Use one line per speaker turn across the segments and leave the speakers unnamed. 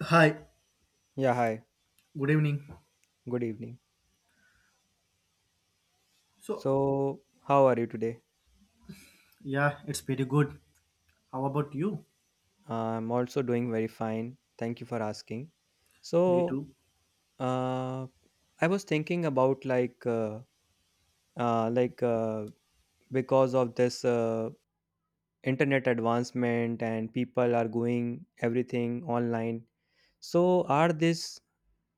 Hi,
Yeah, hi.
good evening.
Good evening.
So,
So, how are you today?
yeah, it's pretty good. How about you?
I'm also doing very fine. Thank you for asking.
Me
So,
too.
uh, I was thinking about like because of this internet advancement and people are going everything online. So, are this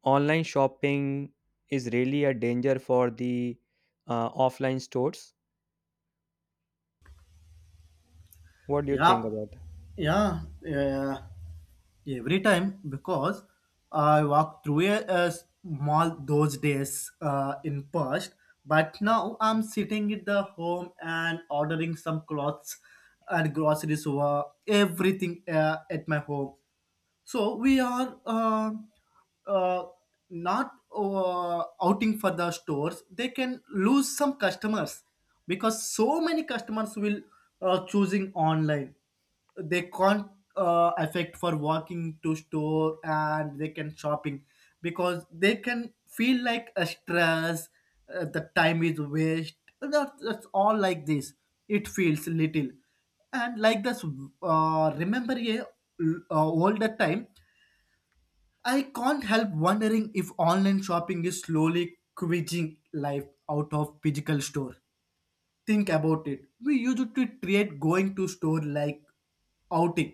online shopping is really a danger for the offline stores? What do you
Yeah,
think about it?
yeah, yeah. Every time because I walk through a mall those days in past, but now I'm sitting at the home and ordering some clothes and groceries over everything at my home. So we are uh, not outing for the stores, they can lose some customers because so many customers will choosing online, they can't affect for walking to store and they can shopping because they can feel like a stress, the time is waste. That's all like this, it feels little and like this. Remember a older time. I can't help wondering if online shopping is slowly quitting life out of physical store. Think about it, we used to treat going to store like outing,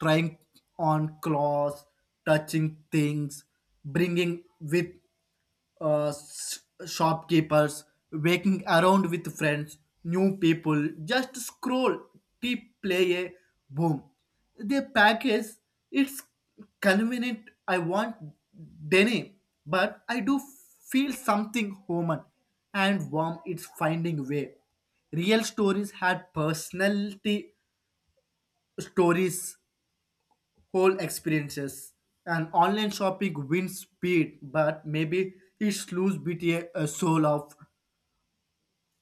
trying on clothes, touching things, bringing with shopkeepers, waking around with friends, new people, just scroll, keep play a boom. The package, it's convenient. I want Denny, but I do feel something human and warm. It's finding way. Real stories had personality stories whole experiences. And online shopping wins speed, but maybe it lose BTA a soul of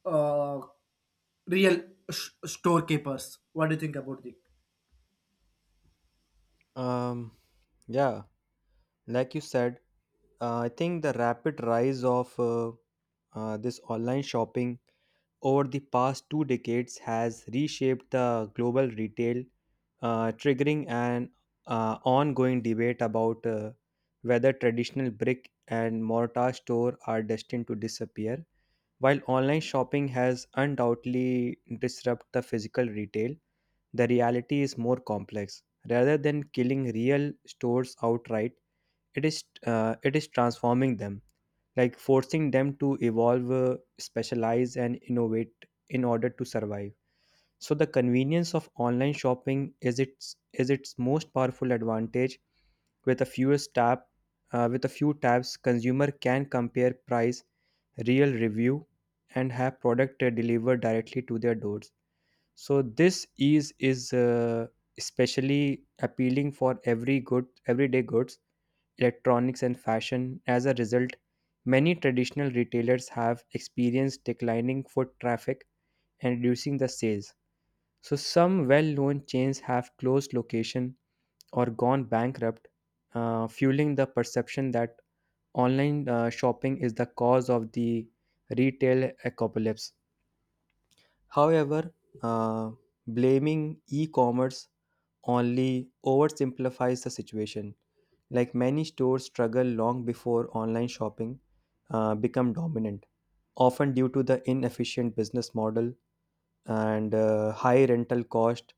uh, real storekeepers. What do you think about it?
Um. Yeah, like you said. I think the rapid rise of this online shopping over the past two decades has reshaped the global retail, triggering an ongoing debate about whether traditional brick and mortar store are destined to disappear, while online shopping has undoubtedly disrupted the physical retail. The reality is more complex. Rather than killing real stores outright, it is transforming them, like forcing them to evolve, specialize, and innovate in order to survive. So the convenience of online shopping is its most powerful advantage. With a few tabs, consumer can compare price, real review, and have product delivered directly to their doors. So this ease is especially appealing for everyday goods, electronics, and fashion. As a result, many traditional retailers have experienced declining foot traffic and reducing the sales. So some well-known chains have closed location or gone bankrupt, fueling the perception that online shopping is the cause of the retail apocalypse. However, uh, blaming e commerce only oversimplifies the situation. Like many stores struggle long before online shopping become dominant, often due to the inefficient business model and high rental cost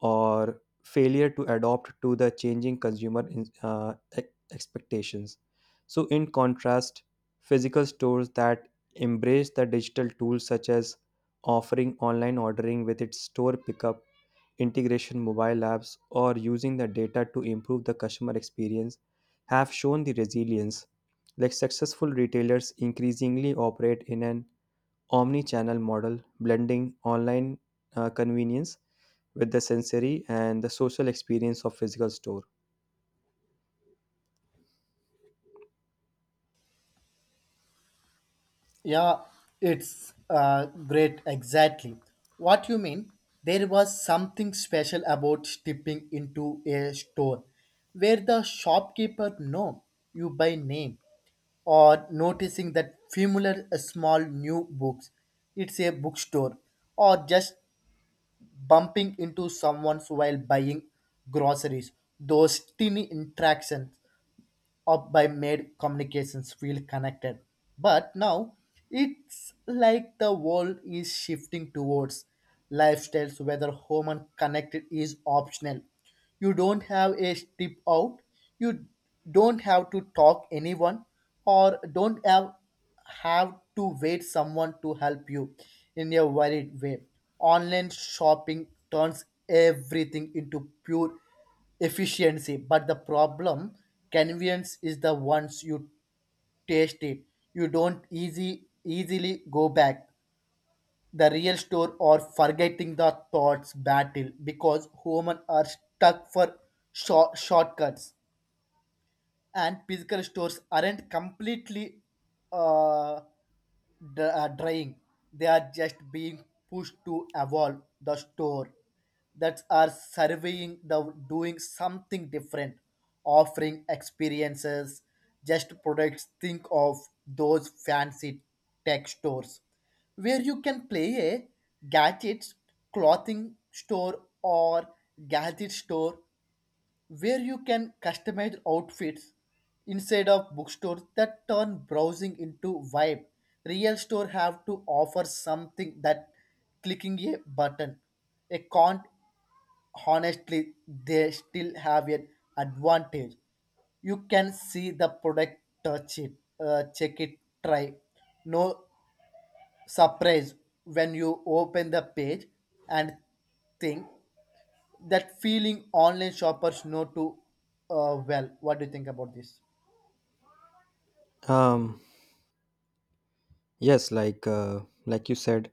or failure to adopt to the changing consumer expectations. So, in contrast, physical stores that embrace the digital tools, such as offering online ordering with its store pickup, integration mobile apps, or using the data to improve the customer experience, have shown the resilience. Like successful retailers increasingly operate in an omni-channel model, blending online convenience with the sensory and the social experience of physical store.
Yeah, it's great, exactly. What you mean? There was something special about stepping into a store where the shopkeeper know you by name or noticing that familiar small new books. It's a bookstore or just bumping into someone while buying groceries. Those tiny interactions up by made communications feel connected. But now it's like the world is shifting towards lifestyles whether home and connected is optional. You don't have a trip out, you don't have to talk anyone or don't have to wait someone to help you in a varied way. Online shopping turns everything into pure efficiency, but the problem convenience is the once you taste it, you don't easy easily go back the real store or forgetting the thoughts battle because human are stuck for shortcuts and physical stores aren't completely uh, drying. They are just being pushed to evolve the store that are surveying the doing something different, offering experiences, just products. Think of those fancy tech stores where you can play a gadgets, clothing store or gadget store where you can customize outfits inside of bookstores that turn browsing into vibe. Real store have to offer something that clicking a button. A can't, honestly they still have an advantage. You can see the product, touch it, check it, try. No surprise when you open the page and think that feeling online shoppers know too well. What do you think about this?
Um, yes, like like you said,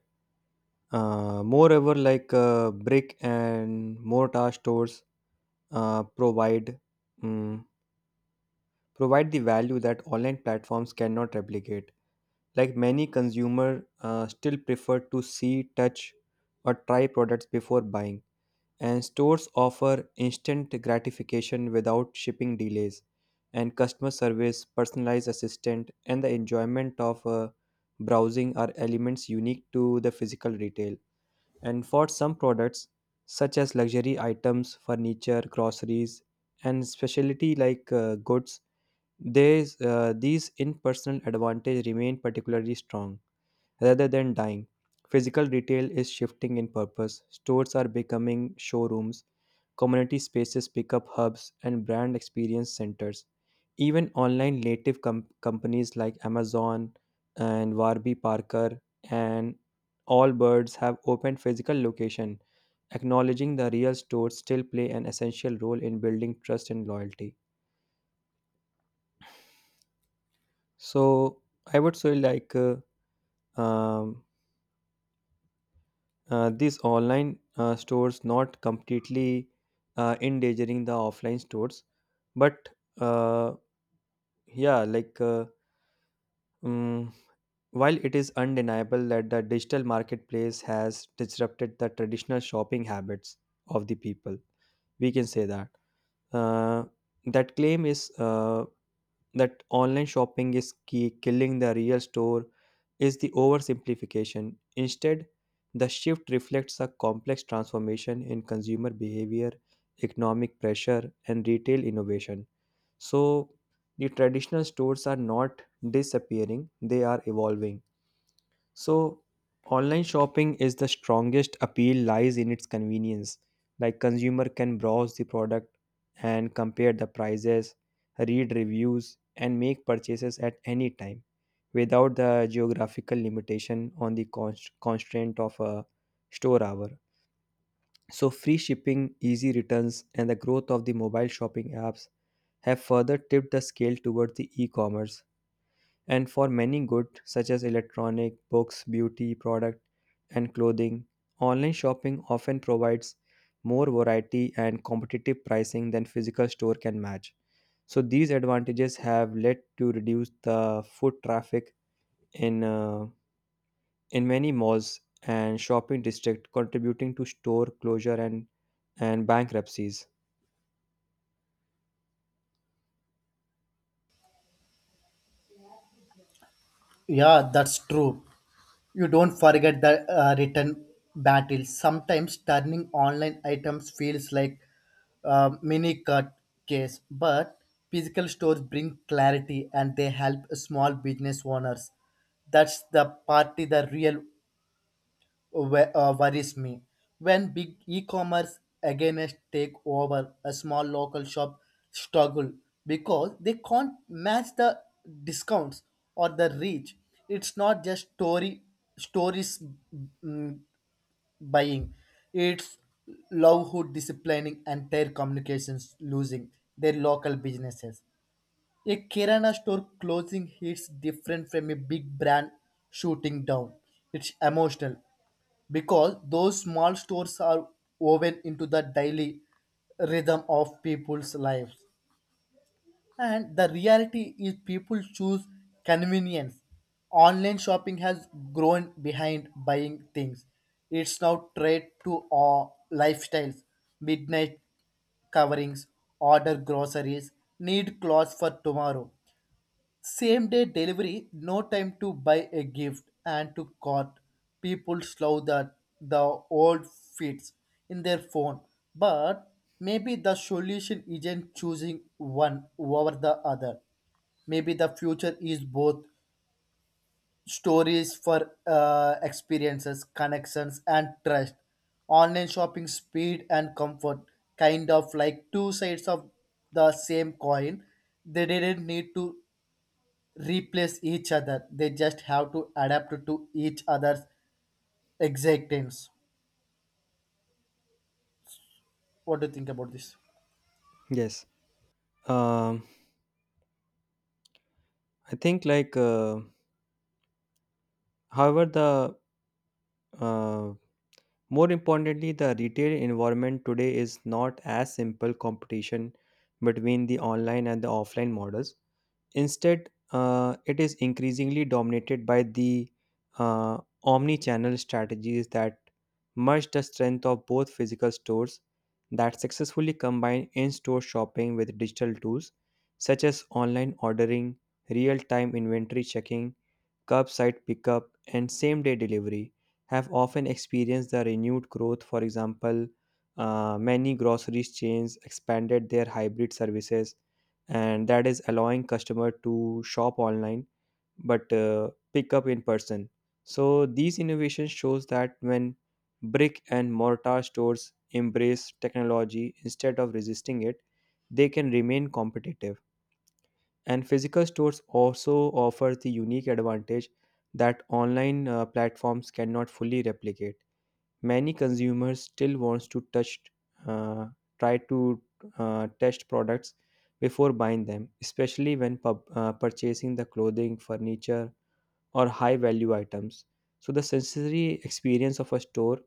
moreover, like brick and mortar stores provide, mm provide the value that online platforms cannot replicate. Like many consumer still prefer to see, touch, or try products before buying, and stores offer instant gratification without shipping delays, and customer service, personalized assistant, and the enjoyment of browsing are elements unique to the physical retail. And for some products, such as luxury items, furniture, groceries, and specialty like goods, these in-person advantage remain particularly strong. Rather than dying, physical retail is shifting in purpose. Stores are becoming showrooms, community spaces, pickup hubs, and brand experience centers. Even online native companies like Amazon and Warby Parker and Allbirds have opened physical location, acknowledging the real stores still play an essential role in building trust and loyalty. So I would say like um, these online stores not completely endangering the offline stores, but, uh, yeah, like um, while it is undeniable that the digital marketplace has disrupted the traditional shopping habits of the people, we can say that uh, claim is, that online shopping is key, killing the real store is the oversimplification. Instead, the shift reflects a complex transformation in consumer behavior, economic pressure, and retail innovation. So, the traditional stores are not disappearing, they are evolving. So, online shopping is the strongest appeal lies in its convenience. Like consumer can browse the product and compare the prices, read reviews, and make purchases at any time without the geographical limitation on the constraint of a store hour. So, free shipping, easy returns, and the growth of the mobile shopping apps have further tipped the scale towards the e commerce. And for many goods, such as electronic, books, beauty product, and clothing, online shopping often provides more variety and competitive pricing than physical store can match. So these advantages have led to reduce the foot traffic in in many malls and shopping district, contributing to store closure and bankruptcies.
Yeah, that's true. You don't forget the return battle. Sometimes turning online items feels like a mini cut case, but physical stores bring clarity and they help small business owners. That's the party the real worries me. When big e-commerce again take over, a small local shop struggle because they can't match the discounts or the reach. It's not just story stories, mm, buying. It's love who disciplining entire communications losing their local businesses. A Kirana store closing hits different from a big brand shooting down. It's emotional because those small stores are woven into the daily rhythm of people's lives. And the reality is, people choose convenience. Online shopping has grown behind buying things. It's now trade to our lifestyles, midnight coverings, order groceries, need clothes for tomorrow. Same day delivery, no time to buy a gift and to cart. People slow that the old fits in their phone. But maybe the solution isn't choosing one over the other. Maybe the future is both stories for experiences, connections, and trust. Online shopping speed and comfort, kind of like two sides of the same coin. They didn't need to replace each other. They just have to adapt to each other's existence. What do you think about this?
Yes. Um I think, like, however the, uh, more importantly, the retail environment today is not as simple competition between the online and the offline models. Instead, it is increasingly dominated by the uh, omni channel strategies that merge the strength of both. Physical stores that successfully combine in store shopping with digital tools, such as online ordering, real time inventory checking, curbside pickup, and same day delivery, have often experienced the renewed growth. For example, many groceries chains expanded their hybrid services, and that is allowing customer to shop online but pick up in person. So these innovations shows that when brick and mortar stores embrace technology instead of resisting it, they can remain competitive. And physical stores also offer the unique advantage that online platforms cannot fully replicate. Many consumers still wants to touch, uh, try to, test products before buying them, especially when purchasing the clothing, furniture, or high value items. So the sensory experience of a store,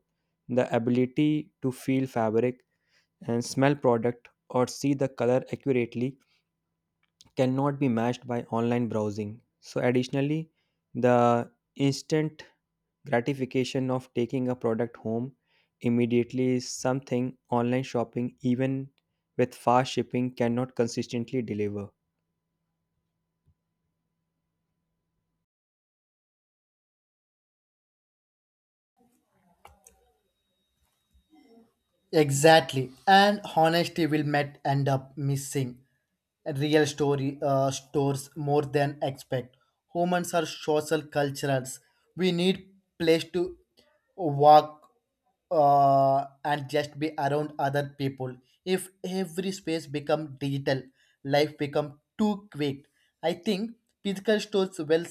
the ability to feel fabric and smell product or see the color accurately, cannot be matched by online browsing. So additionally, the instant gratification of taking a product home immediately is something online shopping, even with fast shipping, cannot consistently deliver.
Exactly. And honesty will might end up missing real story stores more than expect. Humans are social culturals. We need place to walk and just be around other people. If every space become digital, life become too quick. I think physical stores will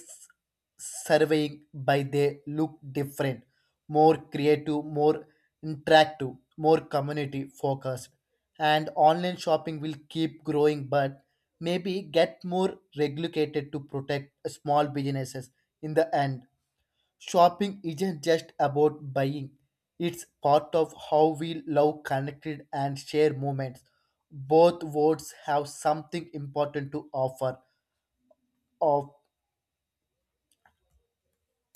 surveying by they look different, more creative, more interactive, more community focused. And online shopping will keep growing, but maybe get more regulated to protect small businesses in the end. Shopping isn't just about buying, it's part of how we love connected and share moments. Both words have something important to offer. Of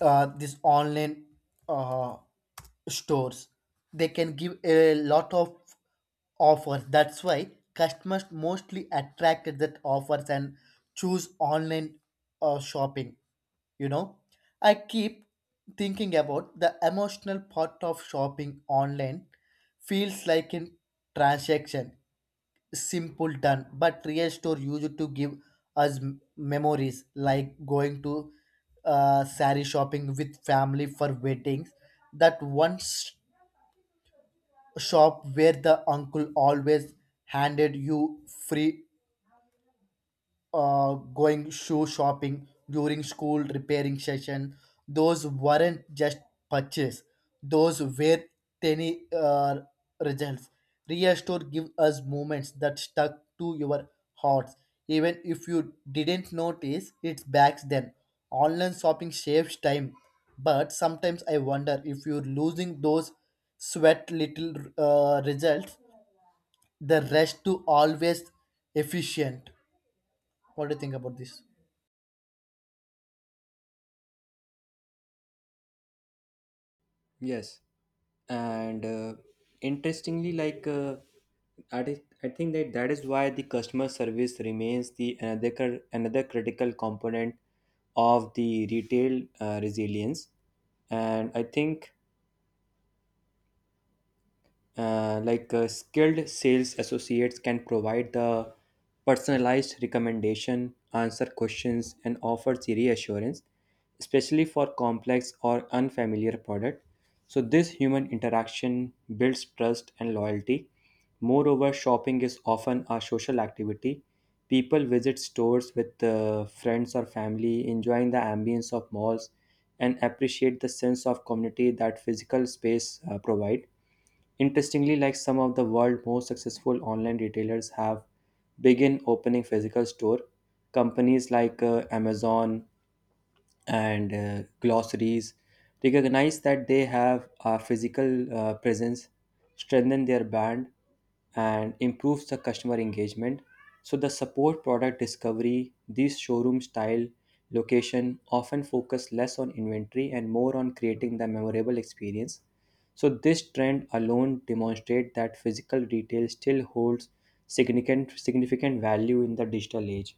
these online uh, stores, they can give a lot of offers, that's why customers mostly attracted that offers and choose online shopping, you know. I keep thinking about the emotional part of shopping. Online feels like in transaction simple done, but real store used to give us memories like going to sari shopping with family for weddings, that one shop where the uncle always handed you free. Going shoe shopping during school repairing session, those weren't just purchase, those were tiny results. Real store give us moments that stuck to your hearts even if you didn't notice it back then. Online shopping saves time, but sometimes I wonder if you're losing those sweat little results. The rest to always efficient. What do you think about this?
Yes, and interestingly, like I think that is why the customer service remains the another critical component of the retail resilience. And I think, skilled sales associates can provide the personalized recommendation, answer questions, and offer the reassurance, especially for complex or unfamiliar product. So this human interaction builds trust and loyalty. Moreover, shopping is often a social activity. People visit stores with friends or family, enjoying the ambience of malls, and appreciate the sense of community that physical space provide. Interestingly, like some of the world's most successful online retailers have begun opening physical store. Companies like Amazon and glossaries recognize that they have a physical presence, strengthen their brand, and improves the customer engagement. So the support product discovery, these showroom style location often focus less on inventory and more on creating the memorable experience. So this trend alone demonstrate that physical retail still holds significant value in the digital age.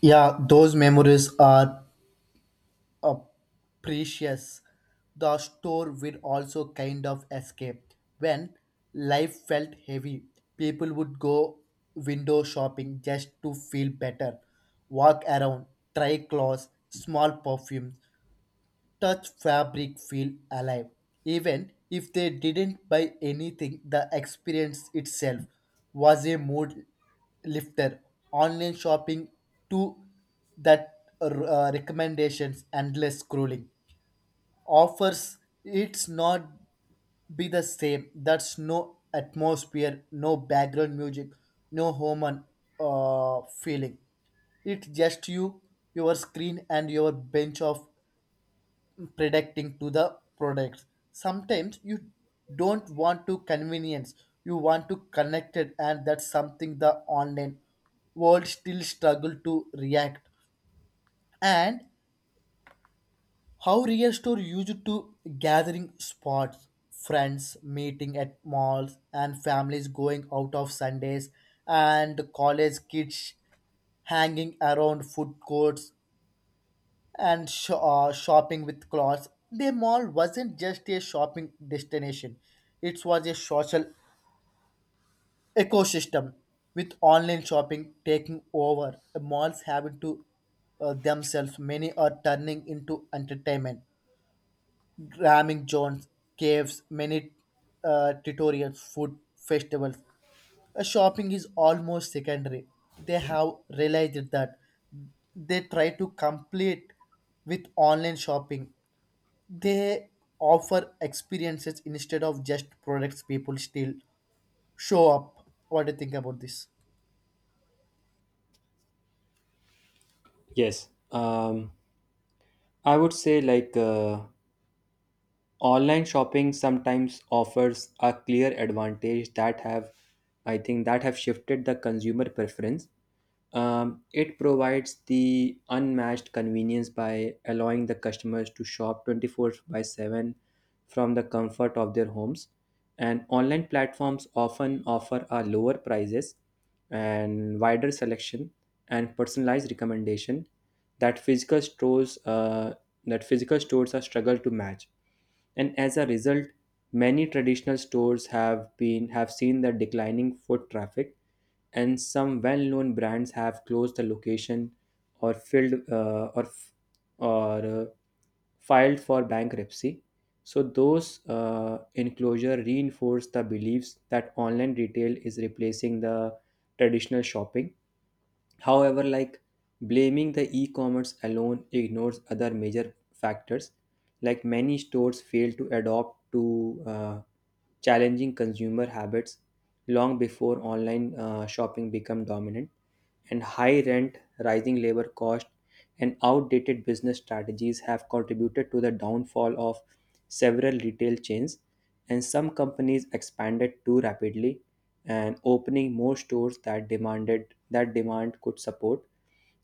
Yeah, those memories are uh, precious. The store would also kind of escape. When life felt heavy, people would go window shopping just to feel better, walk around, try clothes, small perfume, touch fabric, feel alive even if they didn't buy anything. The experience itself was a mood lifter. Online shopping to that recommendations, endless scrolling, offers, it's not be the same. That's no atmosphere, no background music, no human feeling. It's just you, your screen and your bench of predicting to the products. Sometimes you don't want to convenience, you want to connect it, and that's something the online world still struggle to react. And how real store used to gathering spots, friends meeting at malls, and families going out of Sundays, and college kids hanging around food courts and shopping with clothes. The mall wasn't just a shopping destination, it was a social ecosystem with online shopping taking over. Malls having to themselves, many are turning into entertainment. Ramming zones, caves, many tutorials, food festivals. Shopping is almost secondary. They have realized that they try to complete with online shopping, they offer experiences instead of just products, people still show up. What do you think about this?
Yes, I would say like, online shopping sometimes offers a clear advantage that have, I think, that have shifted the consumer preference. It provides the unmatched convenience by allowing the customers to shop 24 by 7 from the comfort of their homes. And online platforms often offer a lower prices and wider selection and personalized recommendation that physical stores uh, that physical stores are struggle to match. And as a result, many traditional stores have been have seen the declining foot traffic, and some well-known brands have closed the location or or uh, filed for bankruptcy. So those enclosure reinforce the beliefs that online retail is replacing the traditional shopping. However, like blaming the e-commerce alone ignores other major factors. Like many stores fail to adopt to challenging consumer habits long before online shopping become dominant. And high rent, rising labor cost, and outdated business strategies have contributed to the downfall of several retail chains. And some companies expanded too rapidly and opening more stores that demand could support,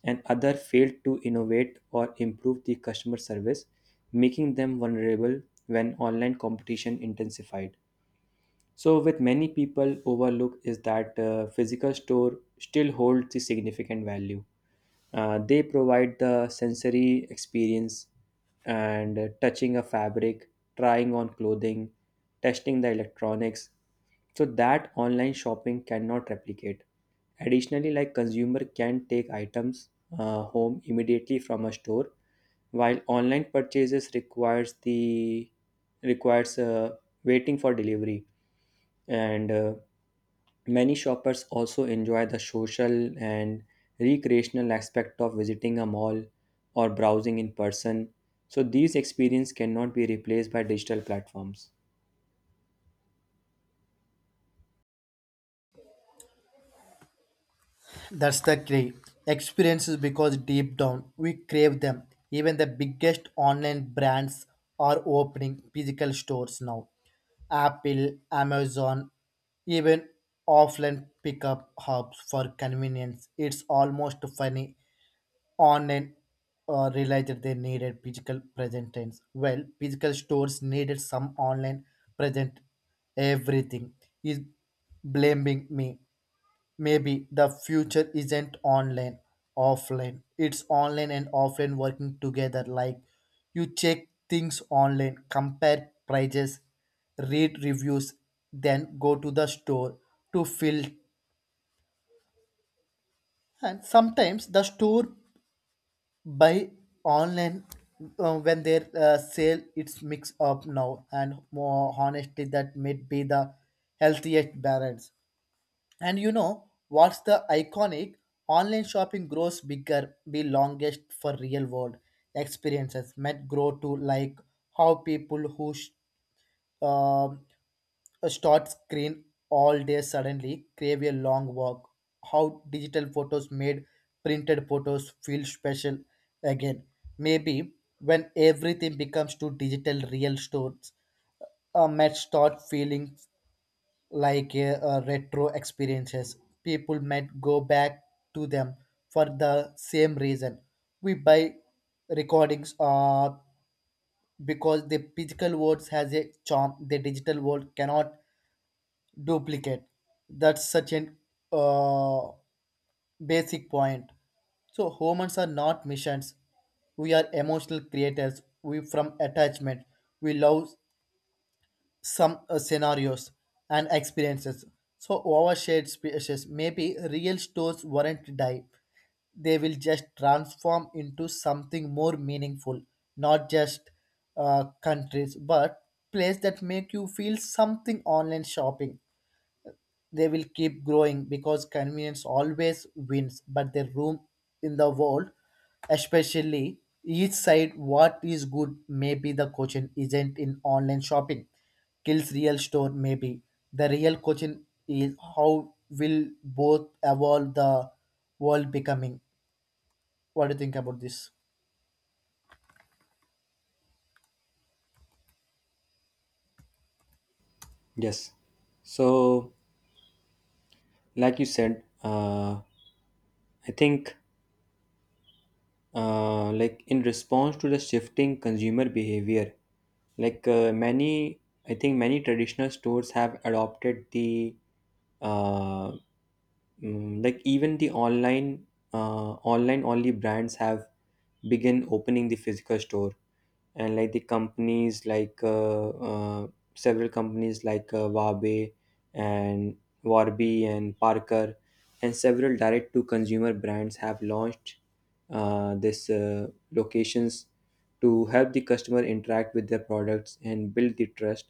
and other failed to innovate or improve the customer service, making them vulnerable when online competition intensified. So, with many people overlook is that physical store still holds the significant value. They provide the sensory experience and touching a fabric, trying on clothing, testing the electronics. So that online shopping cannot replicate. Additionally, like consumer can take items home immediately from a store, while online purchases requires, waiting for delivery. And, many shoppers also enjoy the social and recreational aspect of visiting a mall or browsing in person. So these experiences cannot be replaced by digital platforms.
That's the key. Experiences, because deep down we crave them. Even the biggest online brands are opening physical stores now. Apple, Amazon, even offline pickup hubs for convenience. It's almost funny, online realized they needed physical presence. Well, physical stores needed some online present. Everything is blaming me. Maybe the future isn't online, offline. It's online and offline working together. Like you check things online, compare prices, read reviews, then go to the store to fill. And sometimes the store buy online when their sale, it's mixed up now and more honestly that may be the healthiest balance. And you know what's the iconic, online shopping grows bigger, be longest for real world experiences might grow to. Like how people who um, a start screen all day suddenly crave a long walk, how digital photos made printed photos feel special again. Maybe when everything becomes to digital, real stores might start feeling like a retro experiences. People might go back to them for the same reason we buy recordings, because the physical world has a charm the digital world cannot duplicate. That's such an uh, basic point. So humans are not machines. We are emotional creators. We from attachment. We love some scenarios and experiences. So overshared species, maybe real stores won't die. They will just transform into something more meaningful, not just countries, but place that make you feel something. Online shopping, they will keep growing because convenience always wins, but the room in the world, especially each side, what is good, maybe the coaching isn't in online shopping, kills real store, maybe. The real coaching is how will both evolve the world becoming. What do you think about this?
Yes. So, like you said, I think, like, in response to the shifting consumer behavior, like many I think many traditional stores have adopted the, uh, like even the online, online only brands have begun opening the physical store. And like the companies like Wabe and Warby and Parker and several direct to consumer brands have launched this locations to help the customer interact with their products and build the trust.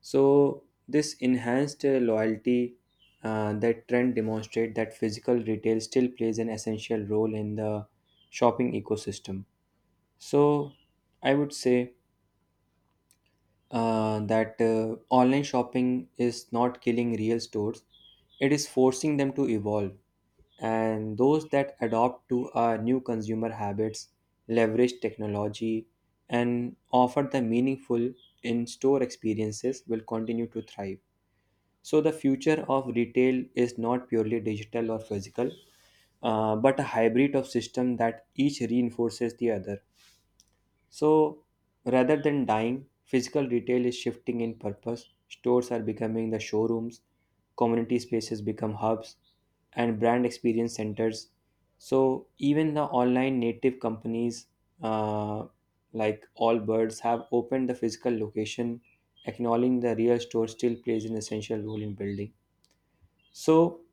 So this enhanced loyalty, that trend demonstrate that physical retail still plays an essential role in the shopping ecosystem. So I would say that online shopping is not killing real stores, it is forcing them to evolve. And those that adopt to our new consumer habits, leverage technology, and offer the meaningful in store experiences will continue to thrive. So, the future of retail is not purely digital or physical, but a hybrid of system that each reinforces the other. So, rather than dying, physical retail is shifting in purpose. Stores are becoming the showrooms, community spaces become hubs, and brand experience centers. So, even the online native companies uh, like Allbirds have opened the physical location, acknowledging the real store still plays an essential role in building. So,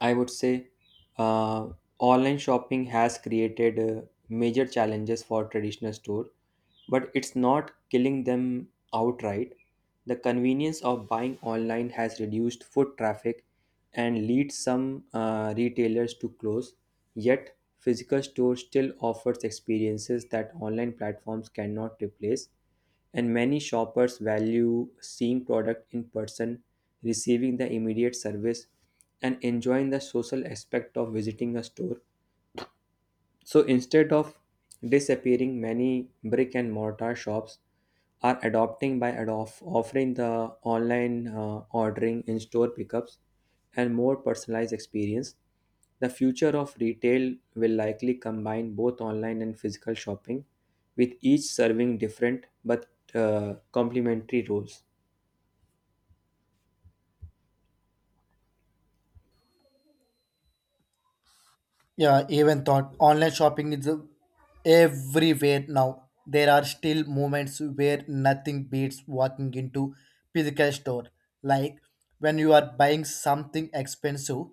I would say uh, online shopping has created major challenges for traditional store, but it's not killing them outright. The convenience of buying online has reduced foot traffic and leads some retailers to close. Yet, physical stores still offers experiences that online platforms cannot replace. And many shoppers value seeing product in person, receiving the immediate service, and enjoying the social aspect of visiting a store. So instead of disappearing, many brick and mortar shops are adopting by offering the online ordering, in store pickups, and more personalized experience. The future of retail will likely combine both online and physical shopping, with each serving different but complementary roles.
Yeah, even thought online shopping is everywhere now. There are still moments where nothing beats walking into physical store. Like when you are buying something expensive,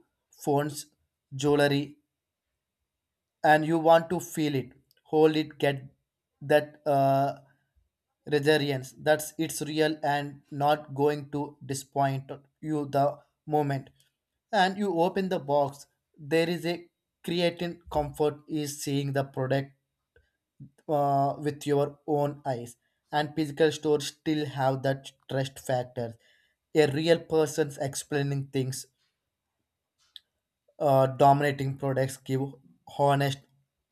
phones, jewelry, and you want to feel it, hold it, get that resilience that's it's real and not going to disappoint you the moment and you open the box, there is a creating comfort is seeing the product with your own eyes. And physical stores still have that trust factor, a real person's explaining things, dominating products give honest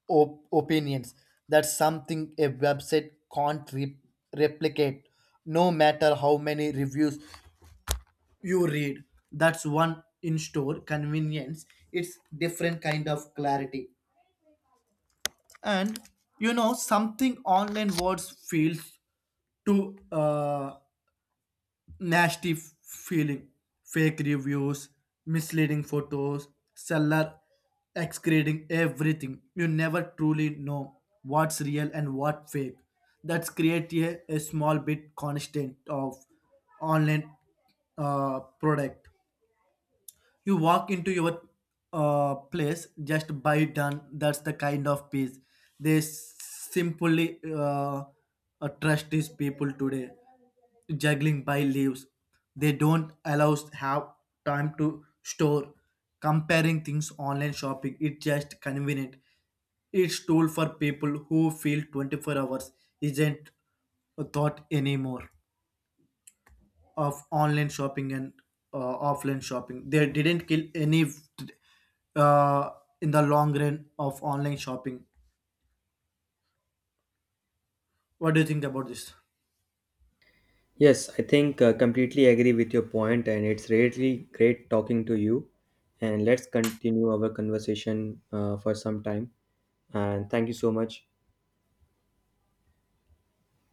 opinions. That's something a website can't replicate, no matter how many reviews you read. That's one in store convenience. It's different kind of clarity. And you know, something online words feels to nasty feeling, fake reviews, misleading photos, seller excreting everything. You never truly know what's real and what fake. That's create a small bit constant of online product. You walk into your place just by done, that's the kind of peace they simply trust. These people today juggling by leaves, they don't allow us have time to store comparing things. Online shopping, it's just convenient, it's tool for people who feel 24 hours isn't a thought anymore. Of online shopping and offline shopping. They didn't kill any uh, in the long run of online shopping. What do you think about this?
Yes, I think completely agree with your point, and it's really great talking to you. And let's continue our conversation for some time. And thank you so much.